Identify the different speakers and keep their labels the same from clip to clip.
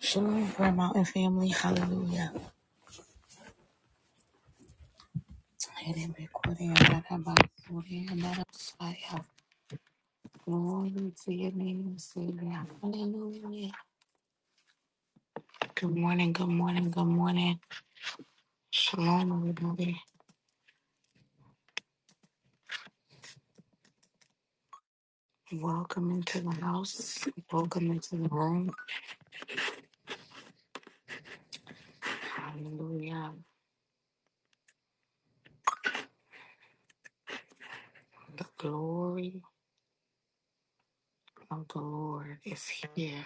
Speaker 1: Shalom, Prayer Mountain family. Hallelujah. Glory to your name, Savior. Hallelujah. Good morning, good morning, good morning. Shalom, everybody. Welcome into the house. Welcome into the room. Hallelujah. The glory of the Lord is here.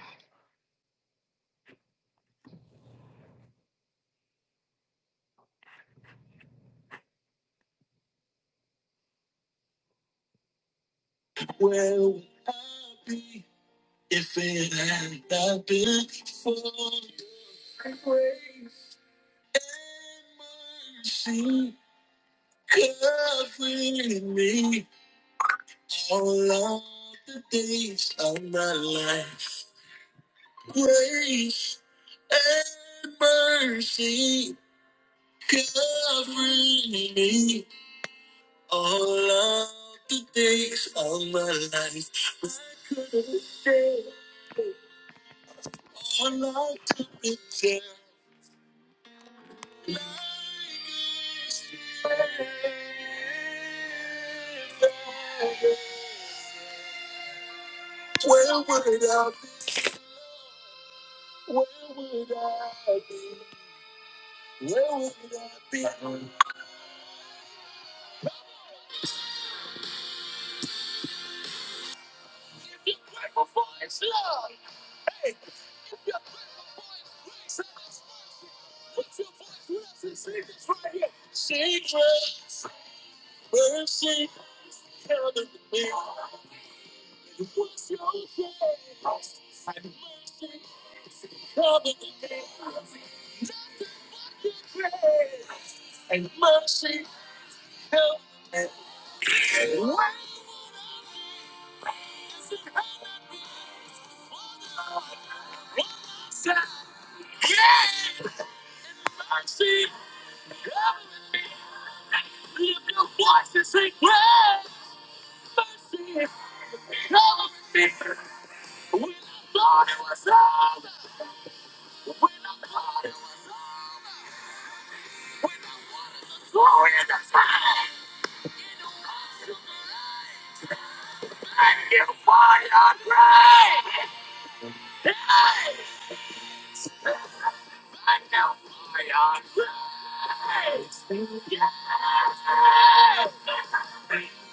Speaker 1: Lord, it was all glory in the time. And you find our praise. I know I am crazy.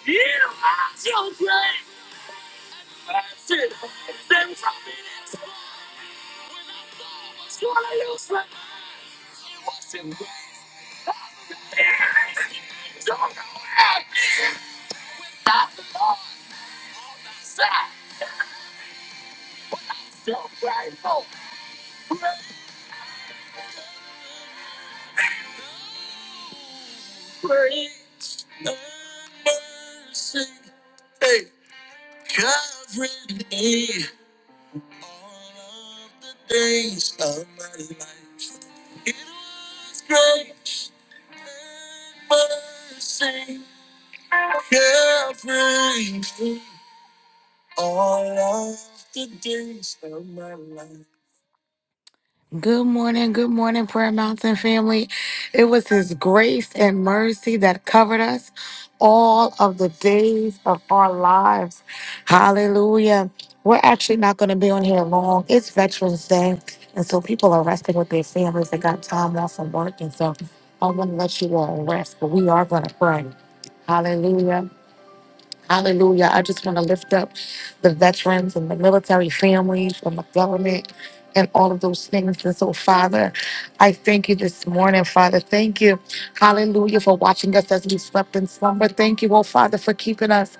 Speaker 1: You are so crazy. Then from the start, I used to watch you cry. Don't go away, stop the noise, don't break up. Good morning, good morning, Prayer Mountain family. It was His grace and mercy that covered us all of the days of our lives. Hallelujah. We're actually not going to be on here long. It's Veterans Day. And so people are resting with their families. They got time off from work. And so I want to let you all rest, but we are going to pray. Hallelujah. Hallelujah. I just want to lift up the veterans and the military families and the government and all of those things. And so, Father, I thank you this morning, Father. Thank you. Hallelujah for watching us as we slept in slumber. Thank you, oh Father, for keeping us.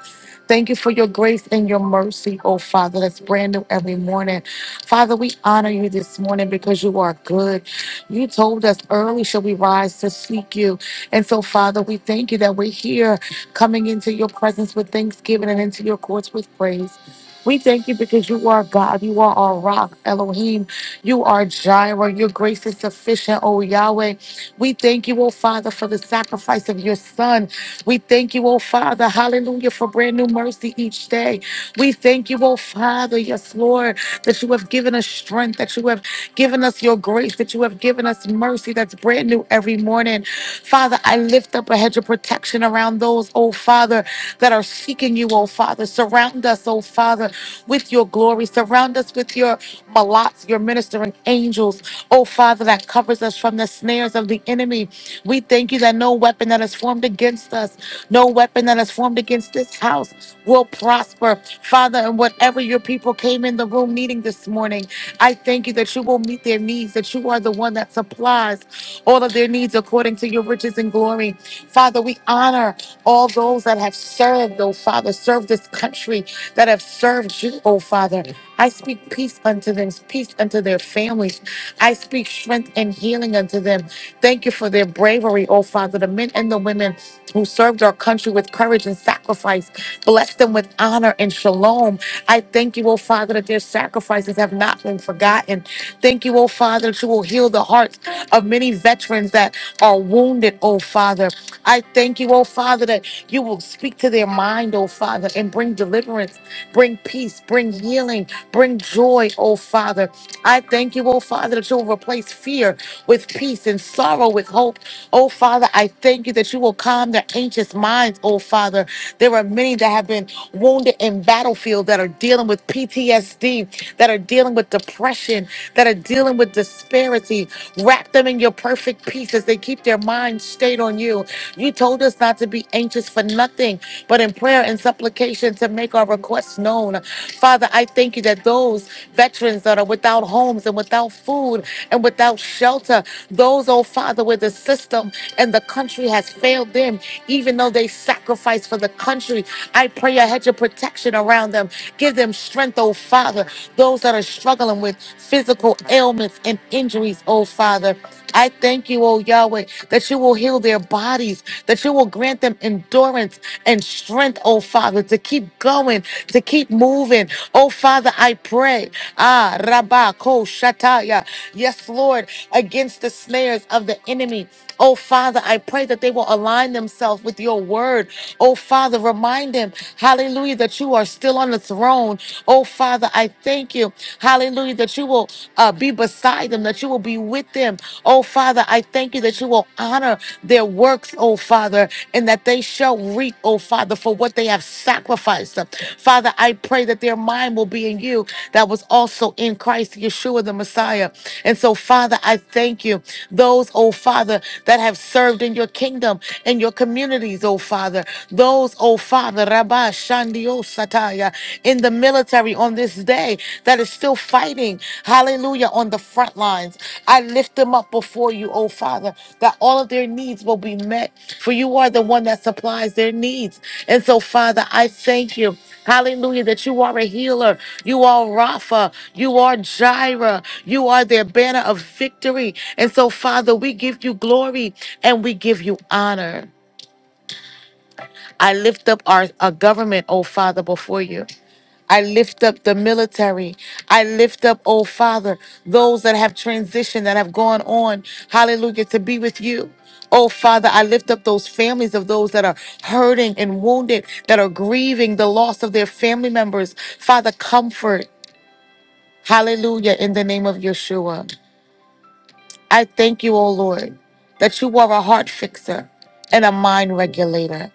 Speaker 1: Thank you for your grace and your mercy, oh Father. That's brand new every morning. Father, we honor you this morning because you are good. You told us early shall we rise to seek you. And so, Father, we thank you that we're here coming into your presence with thanksgiving and into your courts with praise. We thank you because you are God. You are our rock, Elohim. You are Jireh. Your grace is sufficient, O Yahweh. We thank you, O Father, for the sacrifice of your Son. We thank you, O Father, hallelujah, for brand new mercy each day. We thank you, O Father, yes, Lord, that you have given us strength, that you have given us your grace, that you have given us mercy that's brand new every morning. Father, I lift up a hedge of protection around those, oh Father, that are seeking you, oh Father. Surround us, oh Father, with your glory. Surround us with your malats, your ministering angels, oh Father, that covers us from the snares of the enemy. We thank you that no weapon that is formed against us, no weapon that is formed against this house will prosper. Father, and whatever your people came in the room needing this morning, I thank you that you will meet their needs, that you are the one that supplies all of their needs according to your riches and glory. Father, we honor all those that have served, oh Father, served this country, that have served you, oh Father. I speak peace unto them, peace unto their families. I speak strength and healing unto them. Thank you for their bravery, oh Father, the men and the women who served our country with courage and sacrifice. Bless them with honor and shalom. I thank you, oh Father, that their sacrifices have not been forgotten. Thank you, oh Father, that you will heal the hearts of many veterans that are wounded, oh Father. I thank you, oh Father, that you will speak to their mind, oh Father, and bring deliverance, bring peace, bring healing, bring joy, oh Father. I thank you, oh Father, that you will replace fear with peace and sorrow with hope. Oh Father, I thank you that you will calm their anxious minds, oh Father. There are many that have been wounded in battlefield that are dealing with PTSD, that are dealing with depression, that are dealing with disparity. Wrap them in your perfect peace as they keep their minds stayed on you. You told us not to be anxious for nothing, but in prayer and supplication to make our requests known. Father, I thank you that those veterans that are without homes and without food and without shelter, those, oh Father, where the system and the country has failed them, even though they sacrifice for the country, I pray a hedge of protection around them. Give them strength, oh Father those that are struggling with physical ailments and injuries, oh Father. I thank you, oh Yahweh, that you will heal their bodies, that you will grant them endurance and strength, oh Father, to keep going, to keep moving. Oh Father, I pray. Ah, Rabba, Ko, Shataya. Yes, Lord, against the snares of the enemy. Oh Father, I pray that they will align themselves with your word. Oh Father, remind them, hallelujah, that you are still on the throne. Oh, Father, I thank you, hallelujah, that you will uh, be beside them, that you will be with them. Oh, Father, I thank you that you will honor their works, oh, Father, and that they shall reap, oh, Father, for what they have sacrificed. Father, I pray that their mind will be in you that was also in Christ, Yeshua the Messiah. And so, Father, I thank you. Those, oh, Father, that have served in your kingdom kingdom and your communities, oh Father. Those, oh Father, Rabba Shandio Sataya, in the military on this day that is still fighting, hallelujah, on the front lines. I lift them up before you, oh Father, that all of their needs will be met, for you are the one that supplies their needs. And so, Father, I thank you. Hallelujah, that you are a healer. You are Rapha. You are Jireh. You are their banner of victory. And so, Father, we give you glory and we give you honor. I lift up our, our government, oh Father, before you. I lift up the military. I lift up, oh Father, those that have transitioned, that have gone on, hallelujah, to be with you. Oh Father, I lift up those families of those that are hurting and wounded, that are grieving the loss of their family members. Father, comfort, hallelujah, in the name of Yeshua. I thank you, oh Lord, that you are a heart fixer and a mind regulator.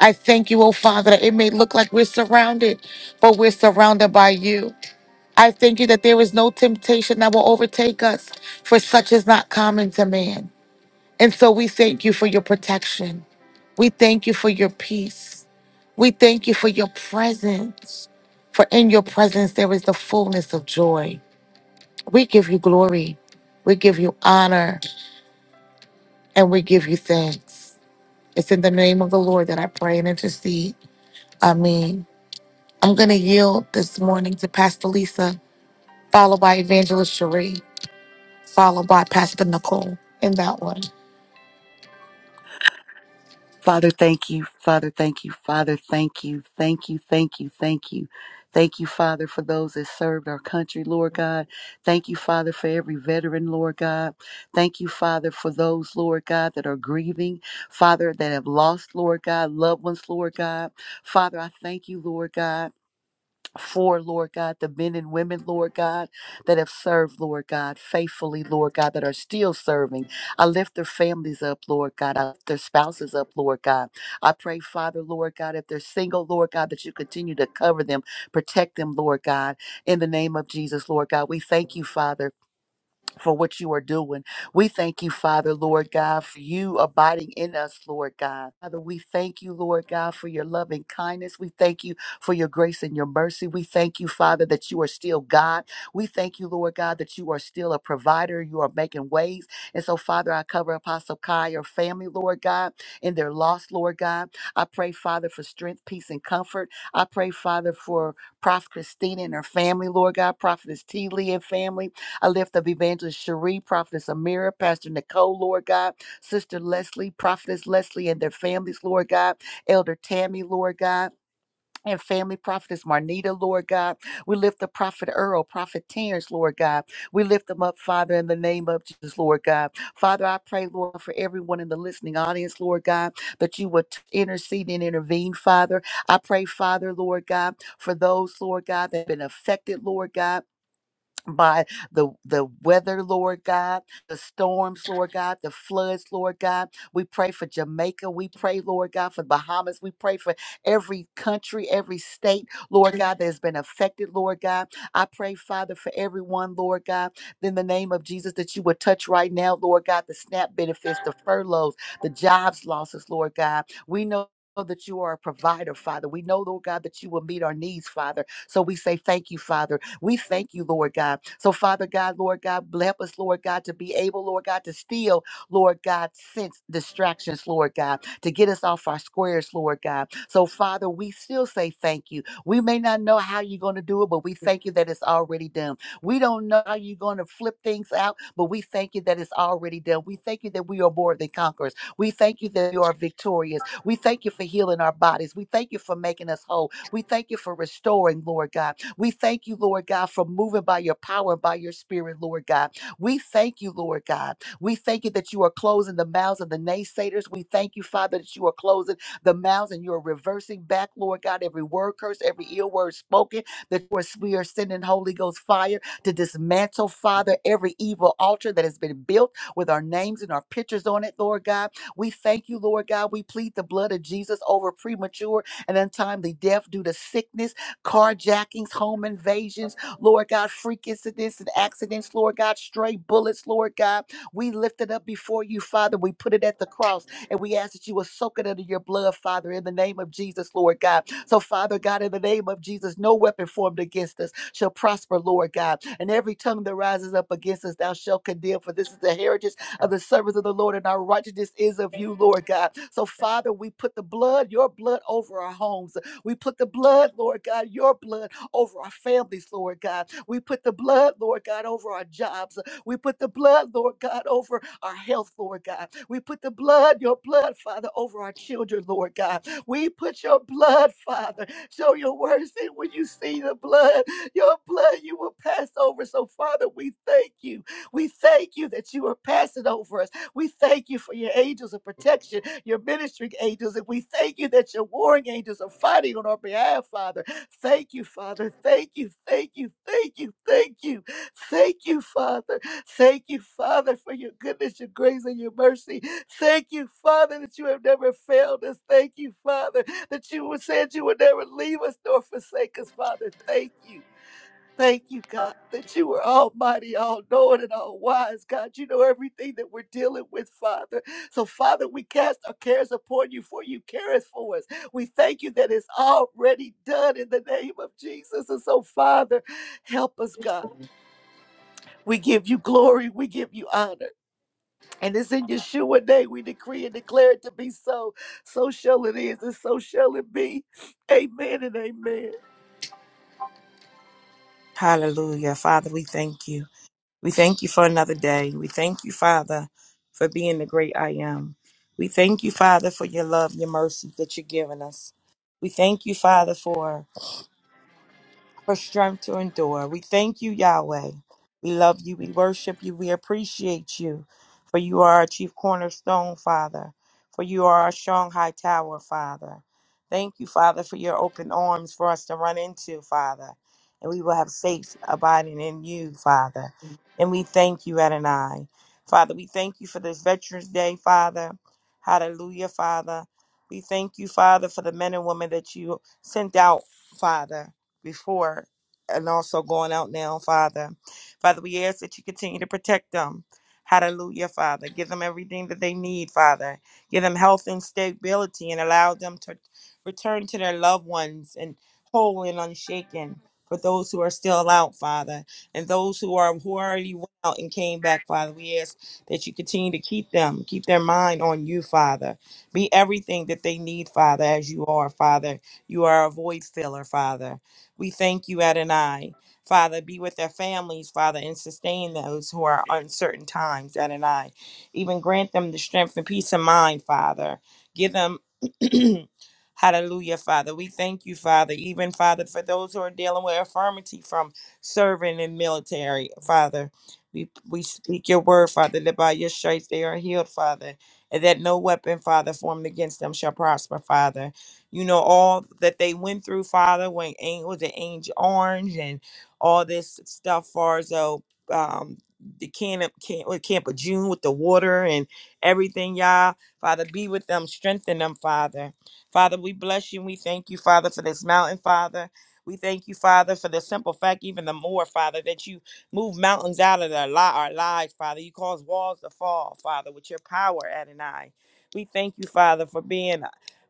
Speaker 1: I thank you, oh Father, that it may look like we're surrounded, but we're surrounded by you. I thank you that there is no temptation that will overtake us, for such is not common to man. And so we thank you for your protection. We thank you for your peace. We thank you for your presence. For in your presence there is the fullness of joy. We give you glory. We give you honor and we give you thanks. It's in the name of the Lord that I pray and intercede. Amen. I'm going to yield this morning to Pastor Lisa, followed by Evangelist Cherie. followed by Pastor Nicole in that one.
Speaker 2: Father, thank you. Father, thank you. Father, thank you. Thank you. Thank you. Thank you. Thank you, Father, for those that served our country, Lord God. Thank you, Father, for every veteran, Lord God. Thank you, Father, for those, Lord God, that are grieving, Father, that have lost, Lord God, loved ones, Lord God. Father, I thank you, Lord God for, Lord God, the men and women, Lord God, that have served, Lord God, faithfully, Lord God, that are still serving. I lift their families up, Lord God. I lift their spouses up, Lord God. I pray, Father, Lord God, if they're single, Lord God, that you continue to cover them, protect them, Lord God, in the name of Jesus, Lord God. We thank you, Father for what you are doing. We thank you, Father, Lord God, for you abiding in us, Lord God. Father, we thank you, Lord God, for your loving kindness. We thank you for your grace and your mercy. We thank you, Father, that you are still God. We thank you, Lord God, that you are still a provider. You are making ways. And so, Father, I cover Apostle Kai, your family, Lord God, and their loss, Lord God. I pray, Father, for strength, peace, and comfort. I pray, Father, for Prophet Christina and her family, Lord God, Prophetess T. Lee and family. I lift up Evangelist Cherie, Prophetess Amira, Pastor Nicole, Lord God, Sister Leslie, Prophetess Leslie and their families, Lord God, Elder Tammy, Lord God. And family prophetess Marnita, Lord God. We lift the prophet Earl, prophet Terrence, Lord God. We lift them up, Father, in the name of Jesus, Lord God. Father, I pray, Lord, for everyone in the listening audience, Lord God, that you would intercede and intervene, Father. I pray, Father, Lord God, for those, Lord God, that have been affected, Lord God by the the weather, Lord God, the storms, Lord God, the floods, Lord God. We pray for Jamaica. We pray, Lord God, for Bahamas. We pray for every country, every state, Lord God, that has been affected, Lord God. I pray, Father, for everyone, Lord God, in the name of Jesus, that you would touch right now, Lord God, the SNAP benefits, the furloughs, the jobs losses, Lord God. We know. That you are a provider, Father. We know, Lord God, that you will meet our needs, Father. So we say thank you, Father. We thank you, Lord God. So, Father God, Lord God, bless us, Lord God, to be able, Lord God, to steal, Lord God, sense distractions, Lord God, to get us off our squares, Lord God. So, Father, we still say thank you. We may not know how you're going to do it, but we thank you that it's already done. We don't know how you're going to flip things out, but we thank you that it's already done. We thank you that we are more than conquerors. We thank you that you are victorious. We thank you for healing our bodies. We thank you for making us whole. We thank you for restoring, Lord God. We thank you, Lord God, for moving by your power and by your spirit, Lord God. We thank you, Lord God. We thank you that you are closing the mouths of the naysayers. We thank you, Father, that you are closing the mouths and you are reversing back, Lord God, every word curse, every ill word spoken, that you are- we are sending Holy Ghost fire to dismantle, Father, every evil altar that has been built with our names and our pictures on it, Lord God. We thank you, Lord God. We plead the blood of Jesus over premature and untimely death due to sickness, carjackings, home invasions, Lord God, freak incidents and accidents, Lord God, stray bullets, Lord God. We lift it up before you, Father. We put it at the cross and we ask that you will soak it under your blood, Father, in the name of Jesus, Lord God. So, Father God, in the name of Jesus, no weapon formed against us shall prosper, Lord God. And every tongue that rises up against us, thou shalt condemn, for this is the heritage of the service of the Lord, and our righteousness is of you, Lord God. So, Father, we put the blood, your blood, over our homes. We put the blood, Lord God, your blood over our families, Lord God. We put the blood, Lord God, over our jobs. We put the blood, Lord God, over our health, Lord God. We put the blood, your blood, Father, over our children, Lord God. We put your blood, Father. Show your words that when you see the blood, your blood you will pass over. So, Father, we thank you. We thank you that you are passing over us. We thank you for your angels of protection, your ministering angels, and we thank you that your warring angels are fighting on our behalf, Father. Thank you, Father. Thank you, thank you, thank you, thank you, thank you, Father. Thank you, Father, for your goodness, your grace, and your mercy. Thank you, Father, that you have never failed us. Thank you, Father, that you said you would never leave us nor forsake us, Father. Thank you. Thank you, God, that you are almighty, all knowing, and all wise. God, you know everything that we're dealing with, Father. So, Father, we cast our cares upon you, for you careth for us. We thank you that it's already done in the name of Jesus. And so, Father, help us, God. We give you glory, we give you honor. And it's in Yeshua name we decree and declare it to be so. So shall it is, and so shall it be. Amen and amen.
Speaker 3: Hallelujah. Father, we thank you. We thank you for another day. We thank you, Father, for being the great I am. We thank you, Father, for your love, your mercy that you're giving us. We thank you, Father, for for strength to endure. We thank you, Yahweh. We love you. We worship you. We appreciate you. For you are our chief cornerstone, Father. For you are our strong high tower, Father. Thank you, Father, for your open arms for us to run into, Father. And we will have safe abiding in you, Father. And we thank you, Adonai. Father, we thank you for this Veterans Day, Father. Hallelujah, Father. We thank you, Father, for the men and women that you sent out, Father before and also going out now, Father. Father, we ask that you continue to protect them. Hallelujah, Father. Give them everything that they need, Father. Give them health and stability and allow them to return to their loved ones and whole and unshaken for those who are still out, Father. And those who are who already went out and came back, Father. We ask that you continue to keep them, keep their mind on you, Father. Be everything that they need, Father, as you are, Father. You are a void filler, Father. We thank you, Adonai. Father, be with their families, Father, and sustain those who are uncertain times, Adonai. Even grant them the strength and peace of mind, Father. Give them. Hallelujah, Father. We thank you, Father. Even, Father, for those who are dealing with infirmity from serving in military, Father. We, we speak your word, Father, that by your stripes they are healed, Father, and that no weapon, Father, formed against them shall prosper, Father you know, all that they went through, Father, when Ang- was it Angel Orange and all this stuff, far as though um, the camp, camp, what, camp of June with the water and everything, y'all. Father, be with them, strengthen them, Father. Father, we bless you. We thank you, Father, for this mountain, Father. We thank you, Father, for the simple fact, even the more, Father, that you move mountains out of their li- our lives, Father. You cause walls to fall, Father, with your power, Adonai. We thank you, Father, for being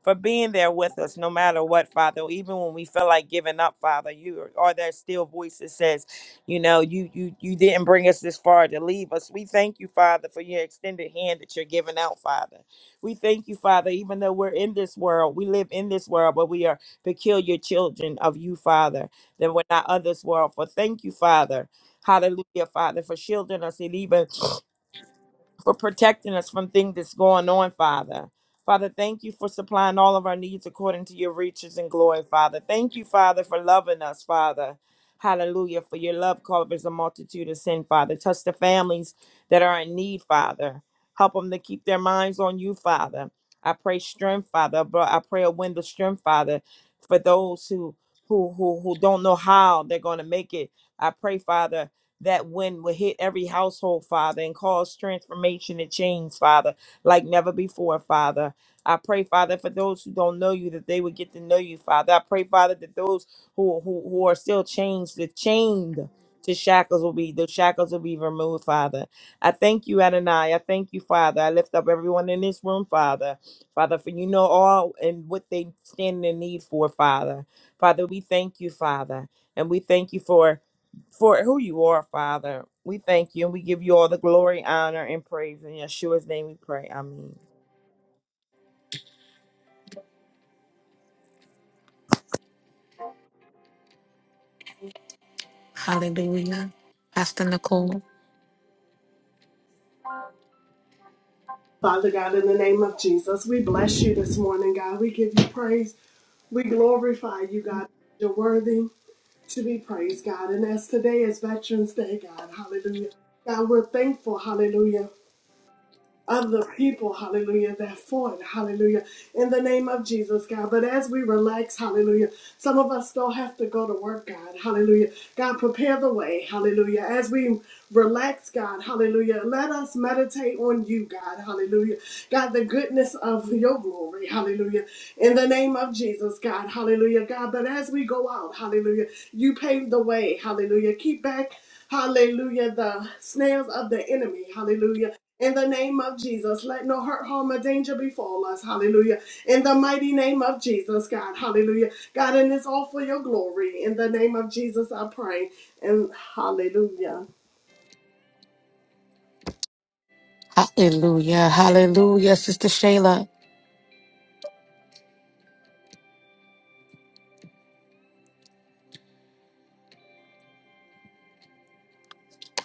Speaker 3: for being there with us no matter what, Father. Even when we feel like giving up, Father, you are are there still voice that says, you know, you you you didn't bring us this far to leave us. We thank you, Father, for your extended hand that you're giving out, Father. We thank you, Father, even though we're in this world, we live in this world, but we are peculiar children of you, Father, that we're not of this world. For thank you, Father. Hallelujah, Father, for shielding us and even for protecting us from things that's going on, Father. Father, thank you for supplying all of our needs according to your riches and glory, Father. Thank you, Father, for loving us, Father. Hallelujah. For your love covers a multitude of sin, Father. Touch the families that are in need, Father. Help them to keep their minds on you, Father. I pray strength, Father. Bro- I pray a wind of strength, Father, for those who who who who don't know how they're going to make it. I pray, Father, that wind will hit every household, Father, and cause transformation and change, Father, like never before, Father. I pray, Father, for those who don't know you, that they would get to know you, Father. I pray, Father, that those who who, who are still chained, the chained to shackles will be, those shackles will be removed, Father. I thank you, Adonai. I thank you, Father. I lift up everyone in this room, Father. Father, for you know all and what they stand in need for, Father. Father, we thank you, Father. And we thank you for for who you are, Father. We thank you and we give you all the glory, honor, and praise in Yeshua's name. We pray. Amen.
Speaker 1: Hallelujah. Pastor Nicole.
Speaker 4: Father God, in the name of Jesus, we bless you this morning, God. We give you praise. We glorify you, God. You're worthy to be praised, God. And as today is Veterans Day, God, hallelujah. God, we're thankful, hallelujah of the people, hallelujah, that fought, hallelujah, in the name of Jesus, God. But as we relax, hallelujah, some of us still have to go to work, God, hallelujah. God, prepare the way, hallelujah. As we relax, God, hallelujah, let us meditate on you, God, hallelujah. God, the goodness of your glory, hallelujah, in the name of Jesus, God, hallelujah, God. But as we go out, hallelujah, you pave the way, hallelujah. Keep back. Hallelujah, the snails of the enemy. Hallelujah in the name of Jesus, let no hurt, harm, or danger befall us. Hallelujah. In the mighty name of Jesus, God. Hallelujah. God, and it's all for your glory. In the name of Jesus, I pray. And hallelujah.
Speaker 1: Hallelujah. Hallelujah. Sister Shayla.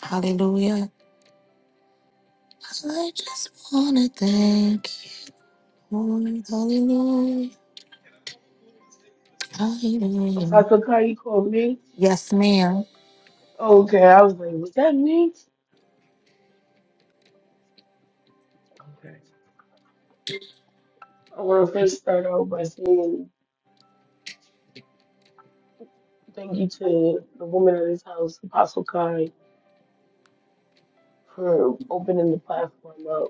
Speaker 1: Hallelujah. I just want to thank you. Lord. Hallelujah. Hallelujah.
Speaker 5: Apostle Kai, you called me?
Speaker 1: Yes, ma'am.
Speaker 5: Okay, I was like, was that me? Okay. I want to first start out by saying thank you to the woman of this house, Apostle Kai, for opening the platform up.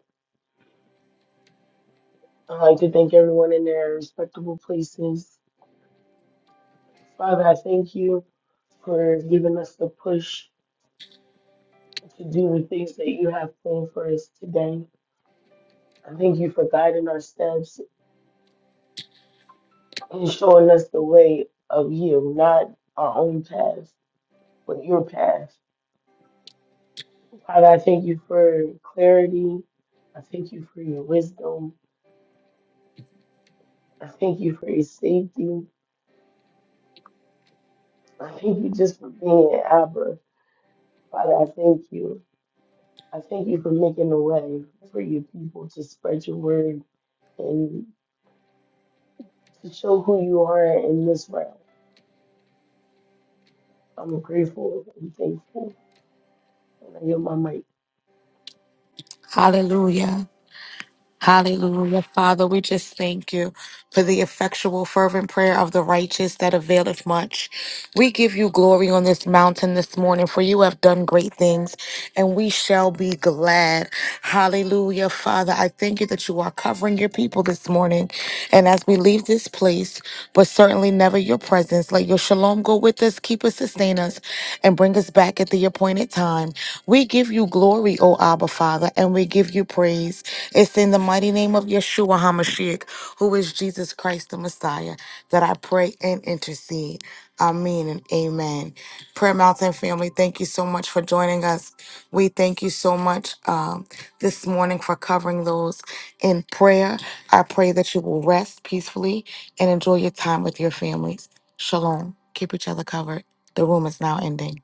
Speaker 5: I'd like to thank everyone in their respectable places. Father, I thank you for giving us the push to do the things that you have planned for us today. I thank you for guiding our steps and showing us the way of you, not our own path, but your path. Father, I thank you for clarity. I thank you for your wisdom. I thank you for your safety. I thank you just for being an Abba. Father, I thank you. I thank you for making a way for your people to spread your word and to show who you are in this realm. I'm grateful and thankful. And I yield my mic.
Speaker 1: Hallelujah. Hallelujah. Father, we just thank you for the effectual, fervent prayer of the righteous that availeth much. We give you glory on this mountain this morning, for you have done great things, and we shall be glad. Hallelujah. Father, I thank you that you are covering your people this morning. And as we leave this place, but certainly never your presence, let your shalom go with us, keep us, sustain us, and bring us back at the appointed time. We give you glory, O Abba, Father, and we give you praise. It's in the mighty name of Yeshua HaMashiach, who is Jesus Christ the Messiah, that I pray and intercede. Amen and amen. Prayer Mountain family, thank you so much for joining us. We thank you so much um, this morning for covering those in prayer. I pray that you will rest peacefully and enjoy your time with your families. Shalom. Keep each other covered. The room is now ending.